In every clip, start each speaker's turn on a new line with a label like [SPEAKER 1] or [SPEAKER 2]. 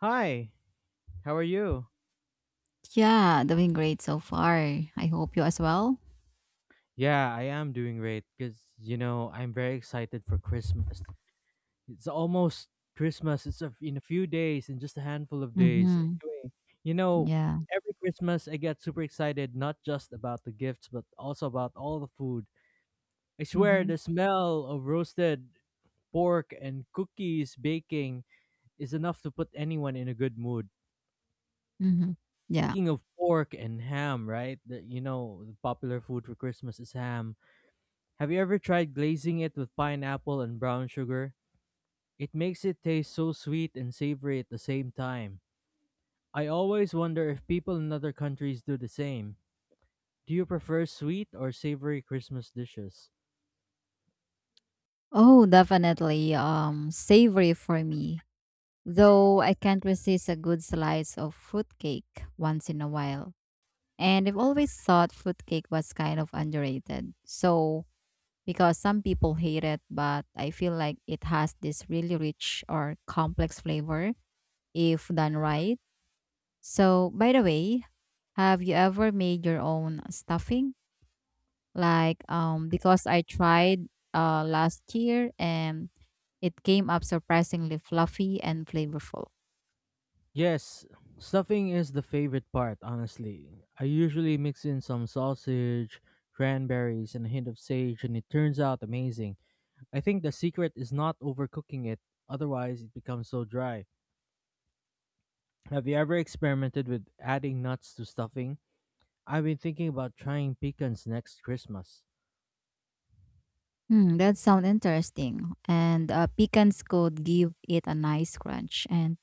[SPEAKER 1] Hi, how are you?
[SPEAKER 2] Yeah, doing great so far. I hope you as well.
[SPEAKER 1] Yeah, I am doing great because I'm very excited for Christmas. It's almost Christmas. In a few days, in just a handful of days.
[SPEAKER 2] Mm-hmm.
[SPEAKER 1] Anyway, you know,
[SPEAKER 2] Yeah.
[SPEAKER 1] every Christmas I get super excited, not just about the gifts, but also about all the food. I swear,
[SPEAKER 2] Mm-hmm.
[SPEAKER 1] the smell of roasted pork and cookies baking is enough to put anyone in a good mood.
[SPEAKER 2] Mm-hmm. Yeah.
[SPEAKER 1] Speaking of pork and ham, right? The popular food for Christmas is ham. Have you ever tried glazing it with pineapple and brown sugar? It makes it taste so sweet and savory at the same time. I always wonder if people in other countries do the same. Do you prefer sweet or savory Christmas dishes?
[SPEAKER 2] Oh, definitely. Savory for me. Though I can't resist a good slice of fruitcake once in a while. And I've always thought fruitcake was kind of underrated. So because some people hate it, but I feel like it has this really rich or complex flavor if done right. So, by the way, have you ever made your own stuffing? Like, because I tried last year and it came up surprisingly fluffy and flavorful.
[SPEAKER 1] Yes, stuffing is the favorite part, honestly. I usually mix in some sausage, cranberries, and a hint of sage, and it turns out amazing. I think the secret is not overcooking it, otherwise, it becomes so dry. Have you ever experimented with adding nuts to stuffing? I've been thinking about trying pecans next Christmas.
[SPEAKER 2] Hmm, that sounds interesting. And pecans could give it a nice crunch. And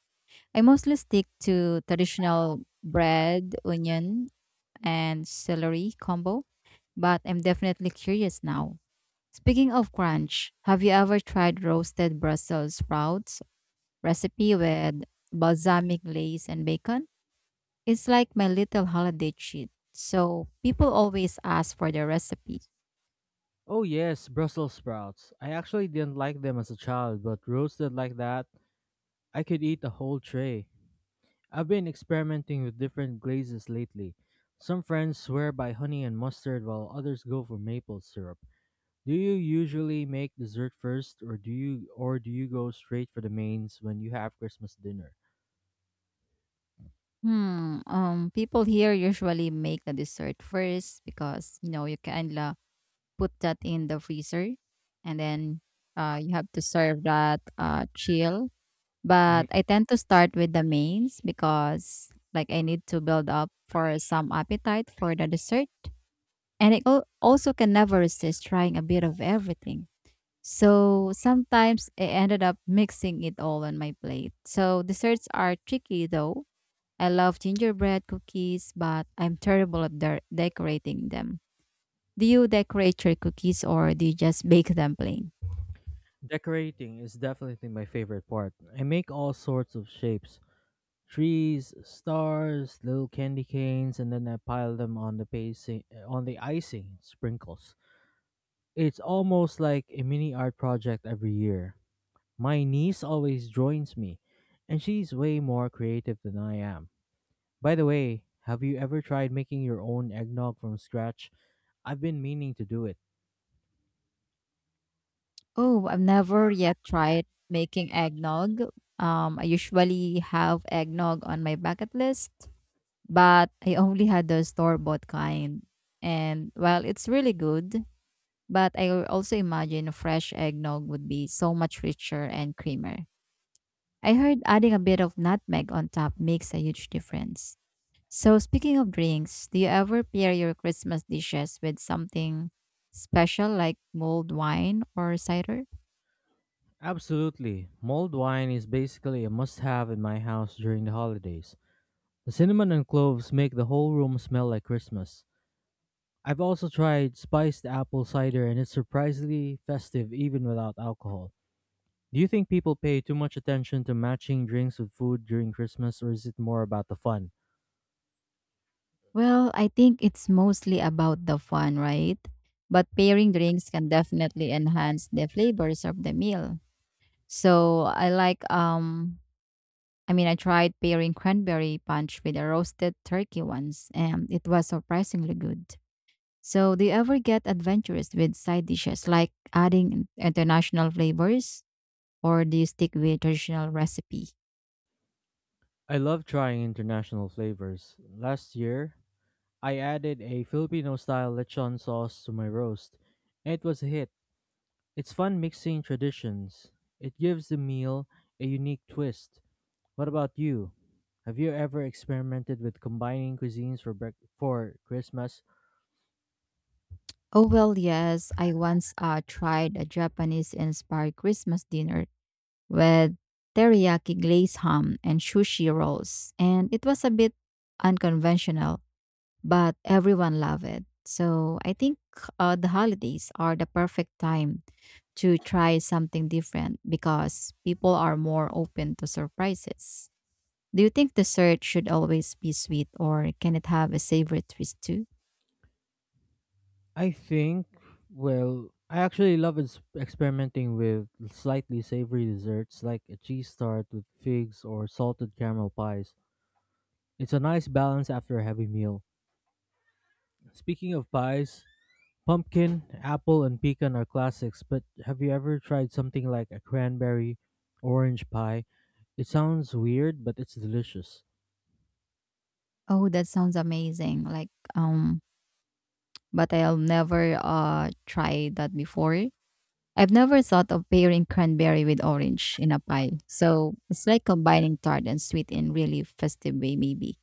[SPEAKER 2] I mostly stick to traditional bread, onion, and celery combo, but I'm definitely curious now. Speaking of crunch, have you ever tried roasted Brussels sprouts recipe with balsamic glaze and bacon? It's like my little holiday treat. So people always ask for the recipe.
[SPEAKER 1] Oh yes, Brussels sprouts. I actually didn't like them as a child, but roasted like that, I could eat a whole tray. I've been experimenting with different glazes lately. Some friends swear by honey and mustard while others go for maple syrup. Do you usually make dessert first or do you go straight for the mains when you have Christmas dinner?
[SPEAKER 2] Hmm. People here usually make the dessert first because you know you can put that in the freezer and then you have to serve that chill.
[SPEAKER 1] Mm,
[SPEAKER 2] But I tend to start with the mains because like I need to build up for some appetite for the dessert. And I also can never resist trying a bit of everything. So sometimes I ended up mixing it all on my plate. So desserts are tricky though. I love gingerbread cookies, but I'm terrible at decorating them. Do you decorate your cookies or do you just bake them plain?
[SPEAKER 1] Decorating is definitely my favorite part. I make all sorts of shapes, trees, stars, little candy canes, and then I pile them on the icing sprinkles. It's almost like a mini art project every year. My niece always joins me, and she's way more creative than I am. By the way, have you ever tried making your own eggnog from scratch? I've been meaning to do it.
[SPEAKER 2] Oh, I've never yet tried making eggnog. I usually have eggnog on my bucket list, but I only had the store bought kind. And well, it's really good, but I also imagine a fresh eggnog would be so much richer and creamier. I heard adding a bit of nutmeg on top makes a huge difference. So, speaking of drinks, do you ever pair your Christmas dishes with something special like mulled wine or cider?
[SPEAKER 1] Absolutely. Mulled wine is basically a must have in my house during the holidays. The cinnamon and cloves make the whole room smell like Christmas. I've also tried spiced apple cider, and it's surprisingly festive even without alcohol. Do you think people pay too much attention to matching drinks with food during Christmas, or is it more about the fun?
[SPEAKER 2] Well, I think it's mostly about the fun, right? But pairing drinks can definitely enhance the flavors of the meal. So, I like I mean, I tried pairing cranberry punch with a roasted turkey once, and it was surprisingly good. So, do you ever get adventurous with side dishes like adding international flavors, or do you stick with traditional recipe?
[SPEAKER 1] I love trying international flavors. Last year, I added a Filipino style lechon sauce to my roast, and it was a hit. It's fun mixing traditions, it gives the meal a unique twist. What about you? Have you ever experimented with combining cuisines for Christmas?
[SPEAKER 2] Oh, well, yes. I once tried a Japanese inspired Christmas dinner with teriyaki glazed ham and sushi rolls, and it was a bit unconventional but everyone loved it. So I think the holidays are the perfect time to try something different because people are more open to surprises. Do you think the search should always be sweet or can it have a savory twist too?
[SPEAKER 1] I think, well, I actually love experimenting with slightly savory desserts like a cheese tart with figs or salted caramel pies. It's a nice balance after a heavy meal. Speaking of pies, pumpkin, apple, and pecan are classics, but have you ever tried something like a cranberry orange pie? It sounds weird, but it's delicious.
[SPEAKER 2] Oh, that sounds amazing. Like um but I'll never try that before. I've never thought of pairing cranberry with orange in a pie. So it's like combining tart and sweet in really festive way maybe.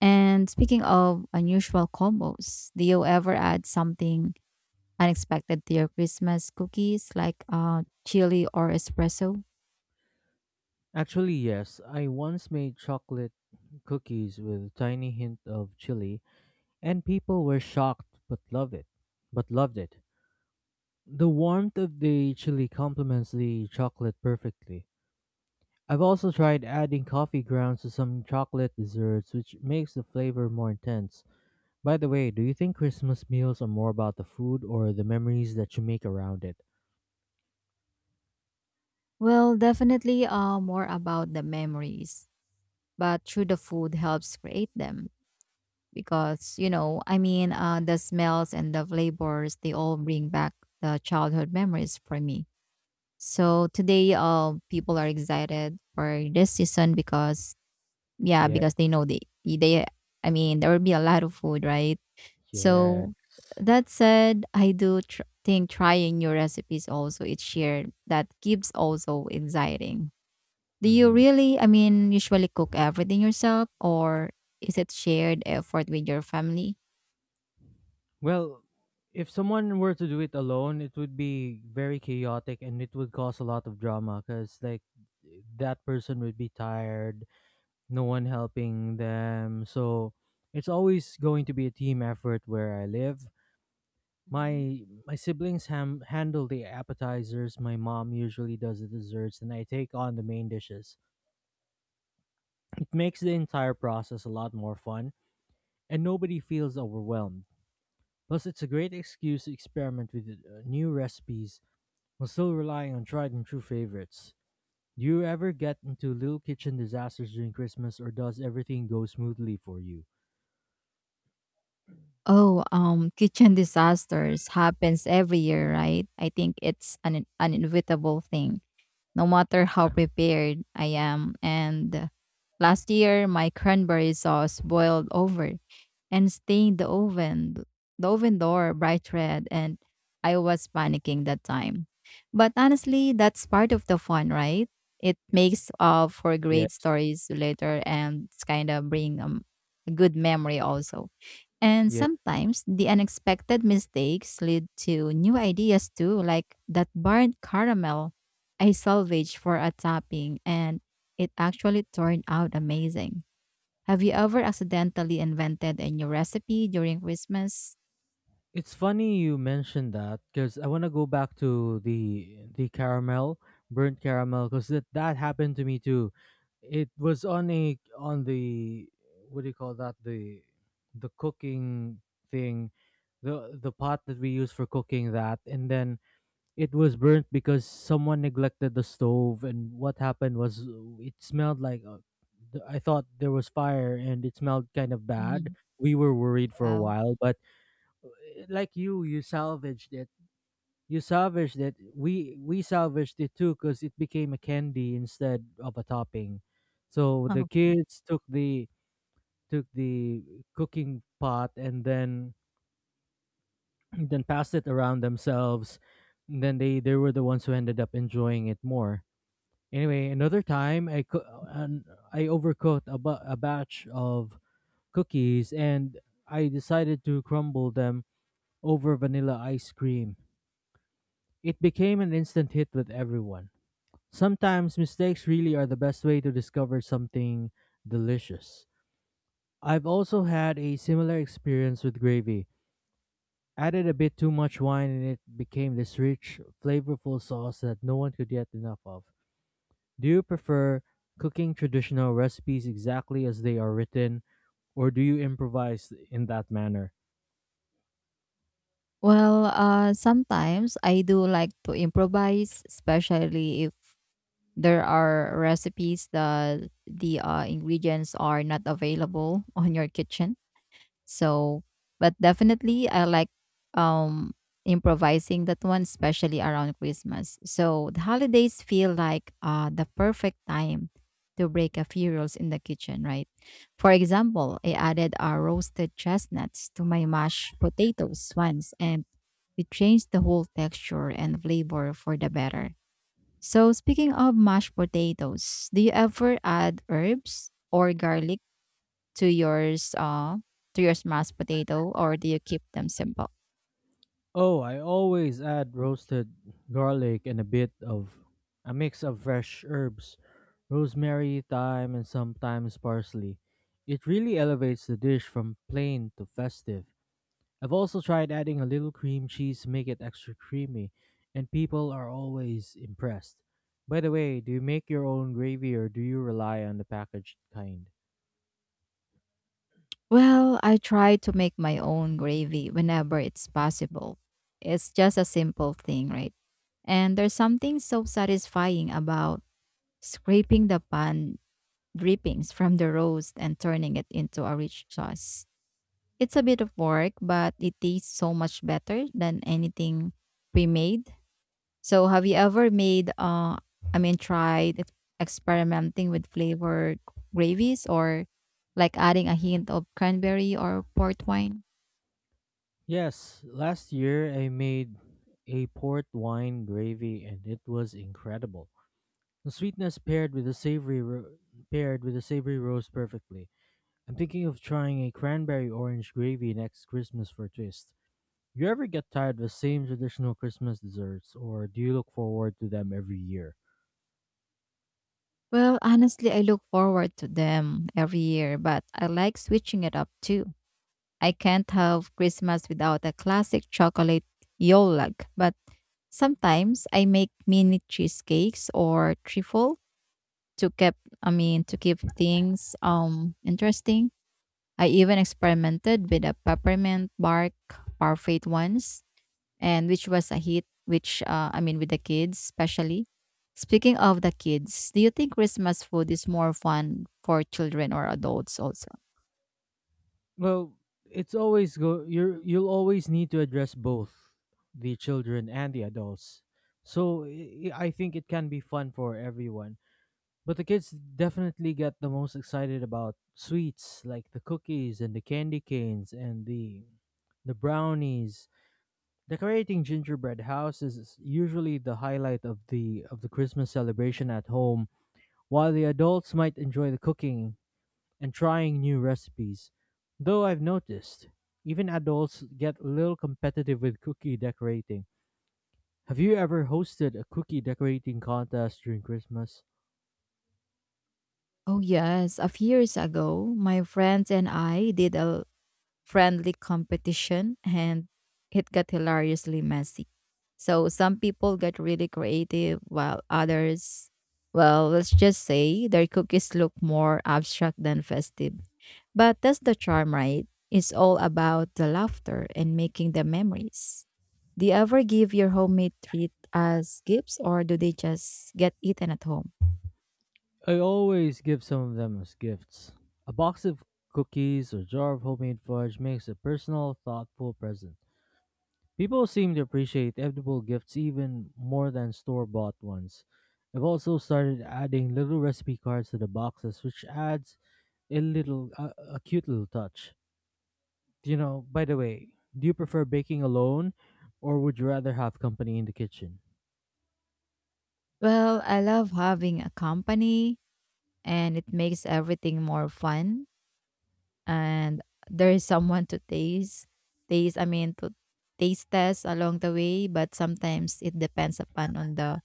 [SPEAKER 2] And speaking of unusual combos, do you ever add something unexpected to your Christmas cookies like chili or espresso?
[SPEAKER 1] Actually, yes, I once made chocolate cookies with a tiny hint of chili and people were shocked but loved it. But loved it. The warmth of the chili complements the chocolate perfectly. I've also tried adding coffee grounds to some chocolate desserts, which makes the flavor more intense. By the way, do you think Christmas meals are more about the food or the memories that you make around it?
[SPEAKER 2] Well, definitely more about the memories, but through the food helps create them because, you know, I mean, the smells and the flavors, they all bring back the childhood memories for me. So today, people are excited for this season because yeah,
[SPEAKER 1] Yeah,
[SPEAKER 2] because they know they I mean, there will be a lot of food, right?
[SPEAKER 1] yes.
[SPEAKER 2] So that said, I do think trying new recipes also each year that keeps also exciting. Do you
[SPEAKER 1] hmm
[SPEAKER 2] really, I mean, usually cook everything yourself or is it shared effort with your family?
[SPEAKER 1] Well, if someone were to do it alone, it would be very chaotic, and it would cause a lot of drama because, like, that person would be tired, no one helping them. So it's always going to be a team effort where I live.
[SPEAKER 2] Hmm.
[SPEAKER 1] My siblings handle the appetizers. My mom usually does the desserts, and I take on the main dishes. It makes the entire process a lot more fun, and nobody feels overwhelmed. Plus, it's a great excuse to experiment with new recipes while still relying on tried and true favorites. Do you ever get into little kitchen disasters during Christmas, or does everything go smoothly for you?
[SPEAKER 2] Oh, kitchen disasters happens every year, right? I think it's an inevitable thing, no matter how prepared I am. And last year, my cranberry sauce boiled over and stained the oven door bright red, and I was panicking that time. But honestly, that's part of the fun, right? It makes for great
[SPEAKER 1] Yes.
[SPEAKER 2] stories later and it's kind of bring a good memory also. And
[SPEAKER 1] Yes.
[SPEAKER 2] sometimes the unexpected mistakes lead to new ideas too, like that burnt caramel I salvaged for a topping and it actually turned out amazing. Have you ever accidentally invented a new recipe during Christmas?
[SPEAKER 1] It's funny you mentioned that because I want to go back to the caramel, burnt caramel, because that happened to me too. It was on the, what do you call that, the cooking thing, the pot that we use for cooking that, and then it was burnt because someone neglected the stove, and what happened was, it smelled like I thought there was fire, and it smelled kind of bad.
[SPEAKER 2] Mhm.
[SPEAKER 1] We were worried for a
[SPEAKER 2] Yeah.
[SPEAKER 1] while, but like, you salvaged it, we salvaged it too, because it became a candy instead of a topping. So the
[SPEAKER 2] Okay.
[SPEAKER 1] kids took the cooking pot, and then then passed it around themselves, and then they were the ones who ended up enjoying it more. Anyway, another time, I co- and I overcooked a batch of cookies, and I decided to crumble them over vanilla ice cream. It became an instant hit with everyone. Sometimes mistakes really are the best way to discover something delicious. I've also had a similar experience with gravy. Added a bit too much wine, and it became this rich, flavorful sauce that no one could get enough of. Do you prefer cooking traditional recipes exactly as they are written, or do you improvise in that manner?
[SPEAKER 2] Well, sometimes I do like to improvise, especially if there are recipes that the ingredients are not available on your kitchen. So, but definitely I like um improvising that one especially around Christmas. So, the holidays feel like the perfect time to break a few rules in the kitchen, right? For example, I added roasted chestnuts to my mashed potatoes once and it changed the whole texture and flavor for the better. So, speaking of mashed potatoes, do you ever add herbs or garlic to yours to your mashed potato or do you keep them simple?
[SPEAKER 1] Oh, I always add roasted garlic and a bit of a mix of fresh herbs, rosemary, thyme, and sometimes parsley. It really elevates the dish from plain to festive. I've also tried adding a little cream cheese to make it extra creamy, and people are always impressed. By the way, do you make your own gravy or do you rely on the packaged kind?
[SPEAKER 2] Well, I try to make my own gravy whenever it's possible. It's just a simple thing, right? And there's something so satisfying about scraping the pan drippings from the roast and turning it into a rich sauce. It's a bit of work, but it tastes so much better than anything pre-made. So, have you ever made, I mean, tried experimenting with flavored gravies or like adding a hint of cranberry or port wine?
[SPEAKER 1] Yes, last year I made a port wine gravy, and it was incredible. The sweetness paired with the savory roast, perfectly. I'm thinking of trying a cranberry orange gravy next Christmas for a twist. You ever get tired of the same traditional Christmas desserts, or do you look forward to them every year?
[SPEAKER 2] Well, honestly, I look forward to them every year, but I like switching it up too. I can't have Christmas without a classic chocolate yolag, but sometimes I make mini cheesecakes or trifle to keep, I mean, to keep things interesting. I even experimented with a peppermint bark parfait once, and which was a hit. Which I mean, with the kids especially. Speaking of the kids, do you think Christmas food is more fun for children or adults also?
[SPEAKER 1] Well, it's always go. You you'll always need to address both the children and the adults. So I think it can be fun for everyone. But the kids definitely get the most excited about sweets like the cookies and the candy canes and the brownies. Decorating gingerbread houses is usually the highlight of the Christmas celebration at home, while the adults might enjoy the cooking and trying new recipes. Though I've noticed, even adults get a little competitive with cookie decorating. Have you ever hosted a cookie decorating contest during Christmas?
[SPEAKER 2] Oh yes, a few years ago, my friends and I did a friendly competition and it got hilariously messy. So some people got really creative while others, well, let's just say their cookies look more abstract than festive. But that's the charm, right? It's all about the laughter and making the memories. Do you ever give your homemade treat as gifts or do they just get eaten at home?
[SPEAKER 1] I always give some of them as gifts. A box of cookies or jar of homemade fudge makes a personal, thoughtful present. People seem to appreciate edible gifts even more than store bought ones. I've also started adding little recipe cards to the boxes, which adds a cute little touch. You know, by the way, do you prefer baking alone or would you rather have company in the kitchen?
[SPEAKER 2] Well, I love having a company and it makes everything more fun and there is someone to taste taste I mean to taste test along the way, but sometimes it depends upon on the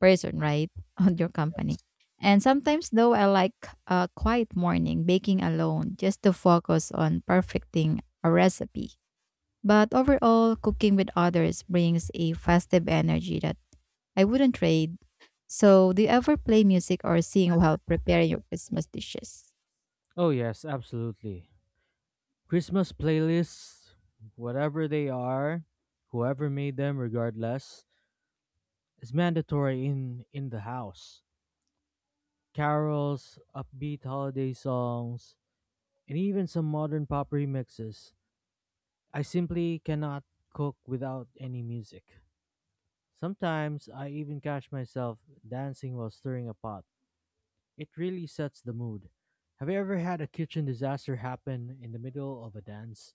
[SPEAKER 2] person, right? On your company. And sometimes though, I like a quiet morning baking alone just to focus on perfecting a recipe. But overall, cooking with others brings a festive energy that I wouldn't trade. So do you ever play music or sing while preparing your Christmas dishes?
[SPEAKER 1] Oh, yes, absolutely. Christmas playlists, whatever they are, whoever made them, regardless, is mandatory in the house. Carols, upbeat holiday songs, and even some modern pop remixes. I simply cannot cook without any music. Sometimes I even catch myself dancing while stirring a pot. It really sets the mood. Have you ever had a kitchen disaster happen in the middle of a dance?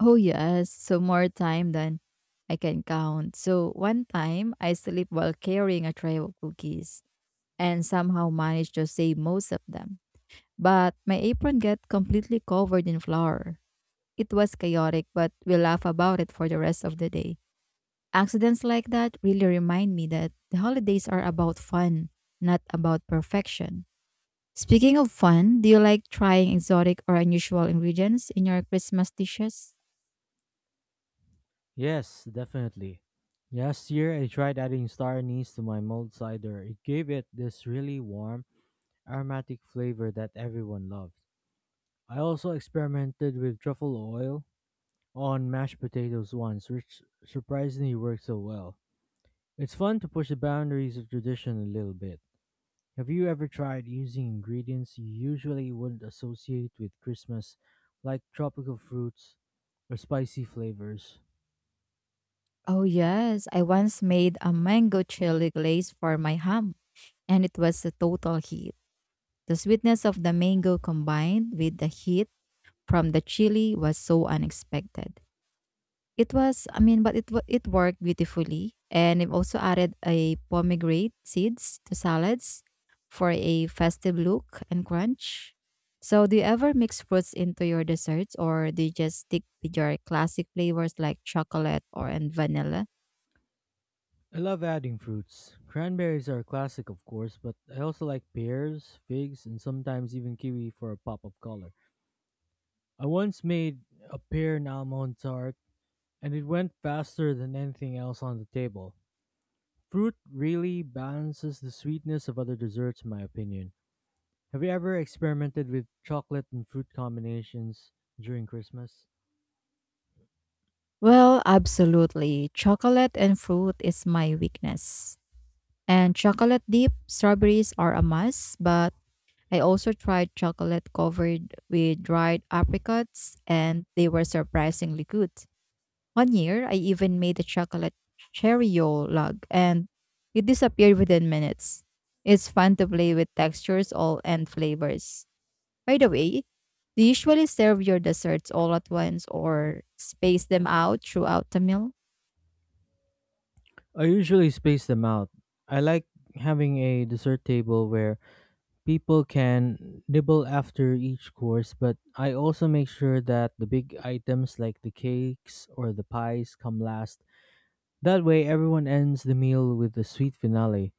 [SPEAKER 2] Oh, yes. So more time than I can count. So one time I sleep while carrying a tray of cookies and somehow managed to save most of them. But my apron got completely covered in flour. It was chaotic, but we laugh about it for the rest of the day. Accidents like that really remind me that the holidays are about fun, not about perfection. Speaking of fun, do you like trying exotic or unusual ingredients in your Christmas dishes?
[SPEAKER 1] Yes, definitely. Last year, I tried adding star anise to my mulled cider. It gave it this really warm, aromatic flavor that everyone loved. I also experimented with truffle oil on mashed potatoes once, which surprisingly worked so well. It's fun to push the boundaries of tradition a little bit. Have you ever tried using ingredients you usually wouldn't associate with Christmas, like tropical fruits or spicy flavors?
[SPEAKER 2] Oh, yes. I once made a mango chili glaze for my ham, and it was a total hit. The sweetness of the mango combined with the heat from the chili was so unexpected. It was, I mean, but it worked beautifully, and I've also added a pomegranate seeds to salads for a festive look and crunch. So, do you ever mix fruits into your desserts, or do you just stick with your classic flavors like chocolate or and vanilla?
[SPEAKER 1] I love adding fruits. Cranberries are a classic, of course, but I also like pears, figs, and sometimes even kiwi for a pop of color. I once made a pear and almond tart, and it went faster than anything else on the table. Fruit really balances the sweetness of other desserts, in my opinion. Have you ever experimented with chocolate and fruit combinations during Christmas?
[SPEAKER 2] Well, absolutely. Chocolate and fruit is my weakness. And chocolate dip, strawberries are a must, but I also tried chocolate covered with dried apricots and they were surprisingly good. One year, I even made a chocolate cheerio log and it disappeared within minutes. It's fun to play with textures all and flavors. By the way, do you usually serve your desserts all at once or space them out throughout the meal?
[SPEAKER 1] I usually space them out. I like having a dessert table where people can nibble after each course, but I also make sure that the big items like the cakes or the pies come last. That way, everyone ends the meal with a sweet finale.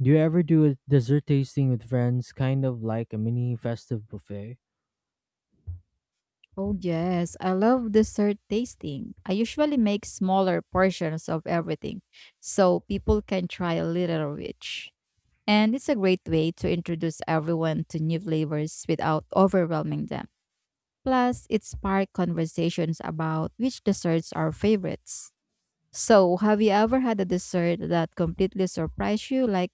[SPEAKER 1] Do you ever do a dessert tasting with friends, kind of like a mini festive buffet?
[SPEAKER 2] Oh yes, I love dessert tasting. I usually make smaller portions of everything so people can try a little of each. And it's a great way to introduce everyone to new flavors without overwhelming them. Plus, it sparks conversations about which desserts are favorites. So, have you ever had a dessert that completely surprised you, like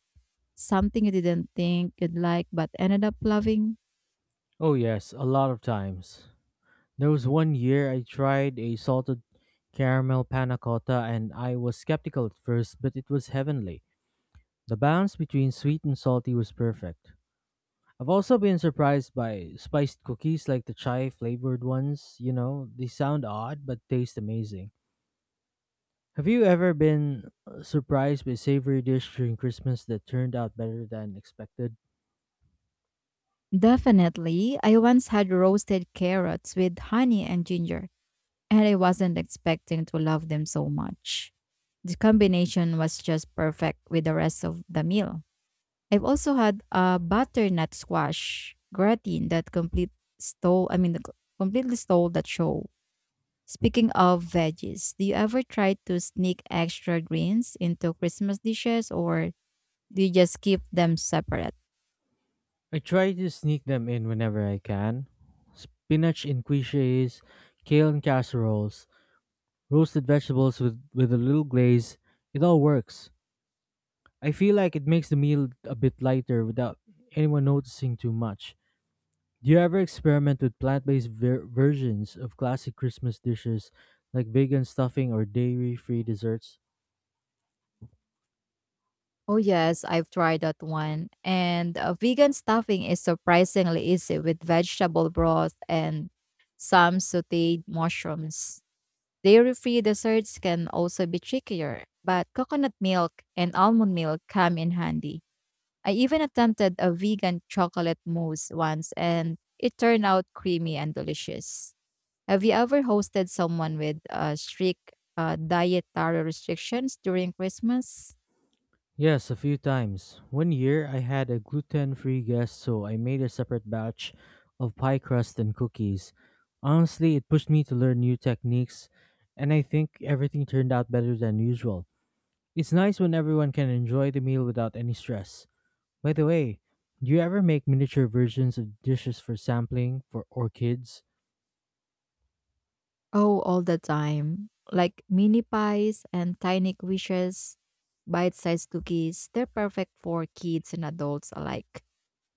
[SPEAKER 2] something you didn't think you'd like but ended up loving?
[SPEAKER 1] Oh, yes, a lot of times. There was one year I tried a salted caramel panna cotta, and I was skeptical at first, but it was heavenly. The balance between sweet and salty was perfect. I've also been surprised by spiced cookies like the chai flavored ones. You know, they sound odd but taste amazing. Have you ever been surprised by a savory dish during Christmas that turned out better than expected?
[SPEAKER 2] Definitely. I once had roasted carrots with honey and ginger, and I wasn't expecting to love them so much. The combination was just perfect with the rest of the meal. I've also had a butternut squash gratin that complete stole, I mean, the co- completely stole that show. Speaking of veggies, do you ever try to sneak extra greens into Christmas dishes or do you just keep them separate?
[SPEAKER 1] I try to sneak them in whenever I can. Spinach in quiches, kale in casseroles, roasted vegetables with a little glaze. It all works. I feel like it makes the meal a bit lighter without anyone noticing too much. Do you ever experiment with plant based versions of classic Christmas dishes like vegan stuffing or dairy free desserts?
[SPEAKER 2] Oh yes, I've tried that one. And vegan stuffing is surprisingly easy with vegetable broth and some sautéed mushrooms. Dairy-free desserts can also be trickier, but coconut milk and almond milk come in handy. I even attempted a vegan chocolate mousse once and it turned out creamy and delicious. Have you ever hosted someone with strict dietary restrictions during Christmas?
[SPEAKER 1] Yes, a few times. One year I had a gluten free guest, so I made a separate batch of pie crust and cookies. Honestly, it pushed me to learn new techniques, and I think everything turned out better than usual. It's nice when everyone can enjoy the meal without any stress. By the way, do you ever make miniature versions of dishes for sampling for or kids?
[SPEAKER 2] Oh, all the time. Like mini pies and tiny quiches, bite sized cookies. They're perfect for kids and adults alike.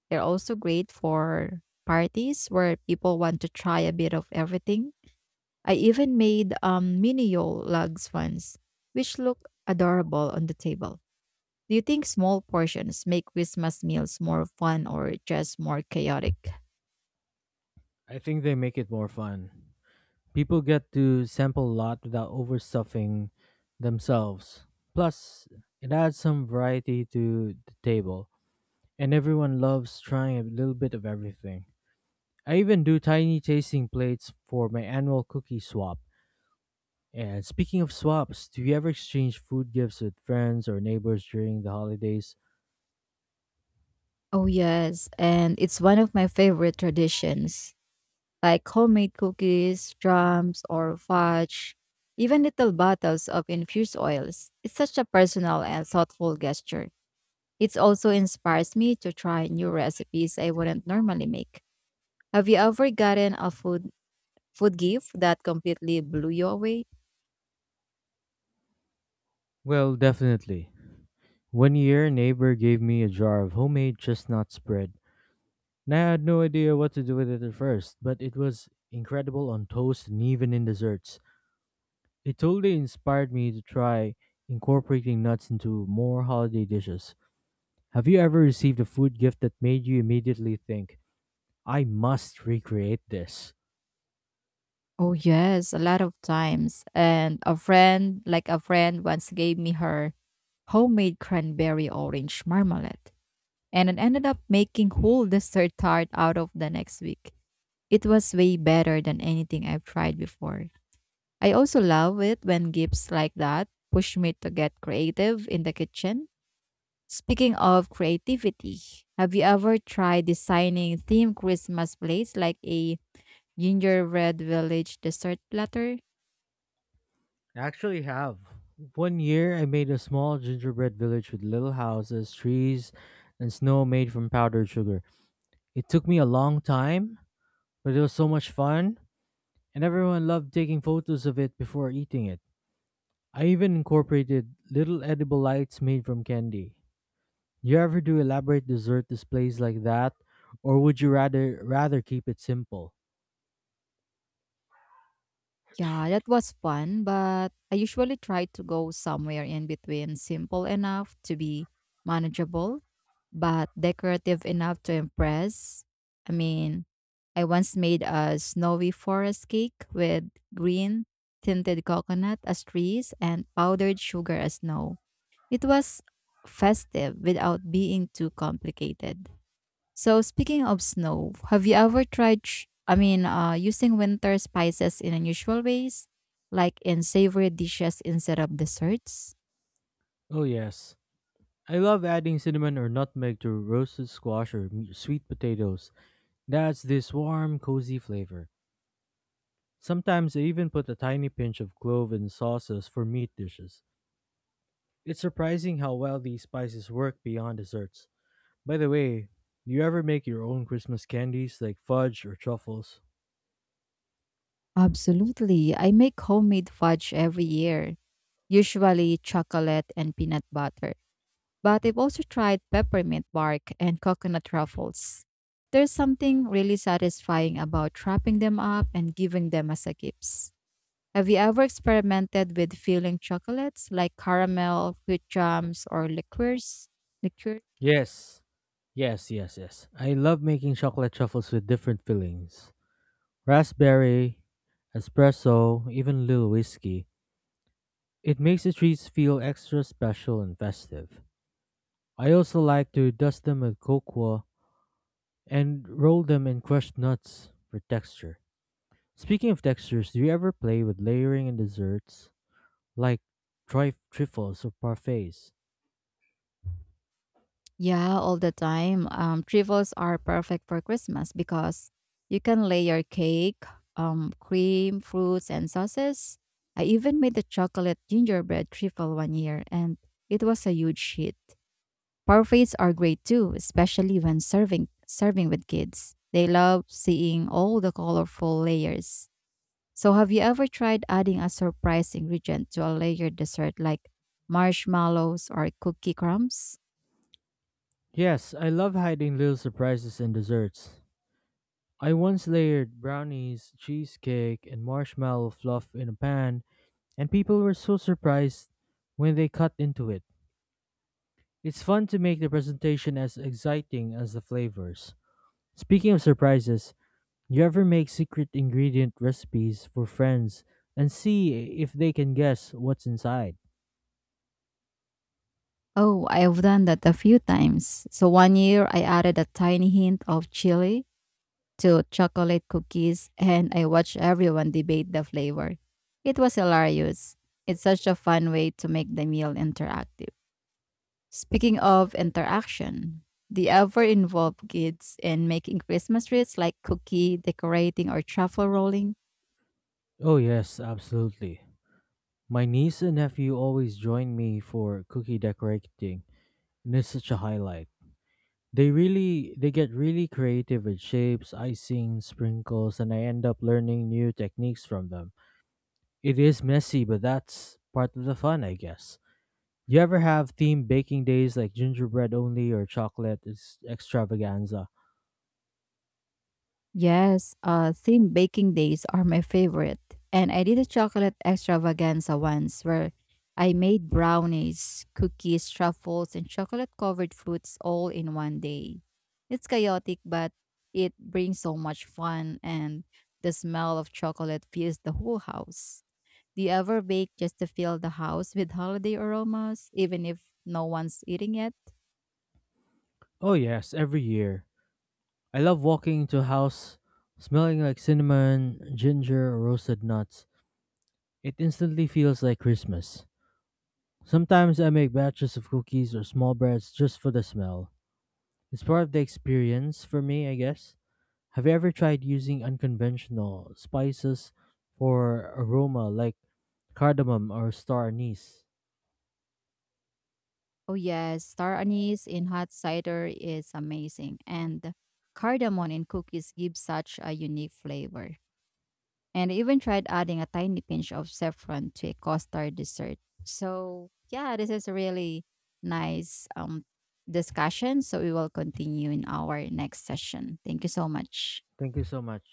[SPEAKER 2] They're also great for parties where people want to try a bit of everything. I even made mini yol lugs once, which look adorable on the table. Do you think small portions make Christmas meals more fun or just more chaotic?
[SPEAKER 1] I think they make it more fun. People get to sample a lot without overstuffing themselves. Plus, it adds some variety to the table, and everyone loves trying a little bit of everything. I even do tiny tasting plates for my annual cookie swap. And speaking of swaps, do you ever exchange food gifts with friends or neighbors during the holidays?
[SPEAKER 2] Oh, yes. And it's one of my favorite traditions. Like homemade cookies, drums, or fudge, even little bottles of infused oils. It's such a personal and thoughtful gesture. It also inspires me to try new recipes I wouldn't normally make. Have you ever gotten a food gift that completely blew you away?
[SPEAKER 1] Well, definitely. One year, a neighbor gave me a jar of homemade chestnut spread, and I had no idea what to do with it at first, but it was incredible on toast and even in desserts. It totally inspired me to try incorporating nuts into more holiday dishes. Have you ever received a food gift that made you immediately think, I must recreate this?
[SPEAKER 2] Oh yes, a lot of times. And a friend once gave me her homemade cranberry orange marmalade. And it ended up making whole dessert tart out of the next week. It was way better than anything I've tried before. I also love it when gifts like that push me to get creative in the kitchen. Speaking of creativity, have you ever tried designing themed Christmas plates like a gingerbread village dessert platter?
[SPEAKER 1] I actually have. One year, I made a small gingerbread village with little houses, trees, and snow made from powdered sugar. It took me a long time, but it was so much fun, and everyone loved taking photos of it before eating it. I even incorporated little edible lights made from candy. Do you ever do elaborate dessert displays like that, or would you rather keep it simple?
[SPEAKER 2] Yeah, that was fun, but I usually try to go somewhere in between simple enough to be manageable, but decorative enough to impress. I mean, I once made a snowy forest cake with green tinted coconut as trees and powdered sugar as snow. It was festive without being too complicated. So speaking of snow, have you ever tried, using winter spices in unusual ways, like in savory dishes instead of desserts?
[SPEAKER 1] Oh yes, I love adding cinnamon or nutmeg to roasted squash or sweet potatoes. That's this warm, cozy flavor. Sometimes I even put a tiny pinch of clove in sauces for meat dishes. It's surprising how well these spices work beyond desserts. By the way, do you ever make your own Christmas candies like fudge or truffles?
[SPEAKER 2] Absolutely. I make homemade fudge every year, usually chocolate and peanut butter. But I've also tried peppermint bark and coconut ruffles. There's something really satisfying about wrapping them up and giving them as a gifts. Have you ever experimented with filling chocolates like caramel, fruit jams, or liqueurs? Liqueur?
[SPEAKER 1] Yes. Yes, yes, yes. I love making chocolate truffles with different fillings. Raspberry, espresso, even little whiskey. It makes the treats feel extra special and festive. I also like to dust them with cocoa and roll them in crushed nuts for texture. Speaking of textures, do you ever play with layering in desserts like trifles or parfaits?
[SPEAKER 2] Yeah, all the time. Trifles are perfect for Christmas because you can layer cake, cream, fruits, and sauces. I even made a chocolate gingerbread trifle one year, and it was a huge hit. Parfaits are great too, especially when serving with kids. They love seeing all the colorful layers. So, have you ever tried adding a surprise ingredient to a layered dessert like marshmallows or cookie crumbs?
[SPEAKER 1] Yes, I love hiding little surprises in desserts. I once layered brownies, cheesecake, and marshmallow fluff in a pan, and people were so surprised when they cut into it. It's fun to make the presentation as exciting as the flavors. Speaking of surprises, you ever make secret ingredient recipes for friends and see if they can guess what's inside?
[SPEAKER 2] Oh, I've done that a few times. So, one year I added a tiny hint of chili to chocolate cookies and I watched everyone debate the flavor. It was hilarious. It's such a fun way to make the meal interactive. Speaking of interaction, do you ever involve kids in making Christmas trees like cookie decorating or truffle rolling?
[SPEAKER 1] Oh, yes, absolutely. My niece and nephew always join me for cookie decorating, and it's such a highlight. They get really creative with shapes, icing, sprinkles, and I end up learning new techniques from them. It is messy, but that's part of the fun, I guess. You ever have themed baking days like gingerbread only or chocolate is extravaganza?
[SPEAKER 2] Yes, theme baking days are my favorite. And I did a chocolate extravaganza once where I made brownies, cookies, truffles, and chocolate covered fruits all in one day. It's chaotic, but it brings so much fun, and the smell of chocolate fills the whole house. Do you ever bake just to fill the house with holiday aromas, even if no one's eating it?
[SPEAKER 1] Oh yes, every year. I love walking into a house smelling like cinnamon, ginger, or roasted nuts. It instantly feels like Christmas. Sometimes I make batches of cookies or small breads just for the smell. It's part of the experience for me, I guess. Have you ever tried using unconventional spices for aroma like cardamom or star anise?
[SPEAKER 2] Oh yes, star anise in hot cider is amazing, and cardamom in cookies gives such a unique flavor. And I even tried adding a tiny pinch of saffron to a custard dessert. So yeah, this is a really nice discussion. So we will continue in our next session. Thank you so much.
[SPEAKER 1] Thank you so much.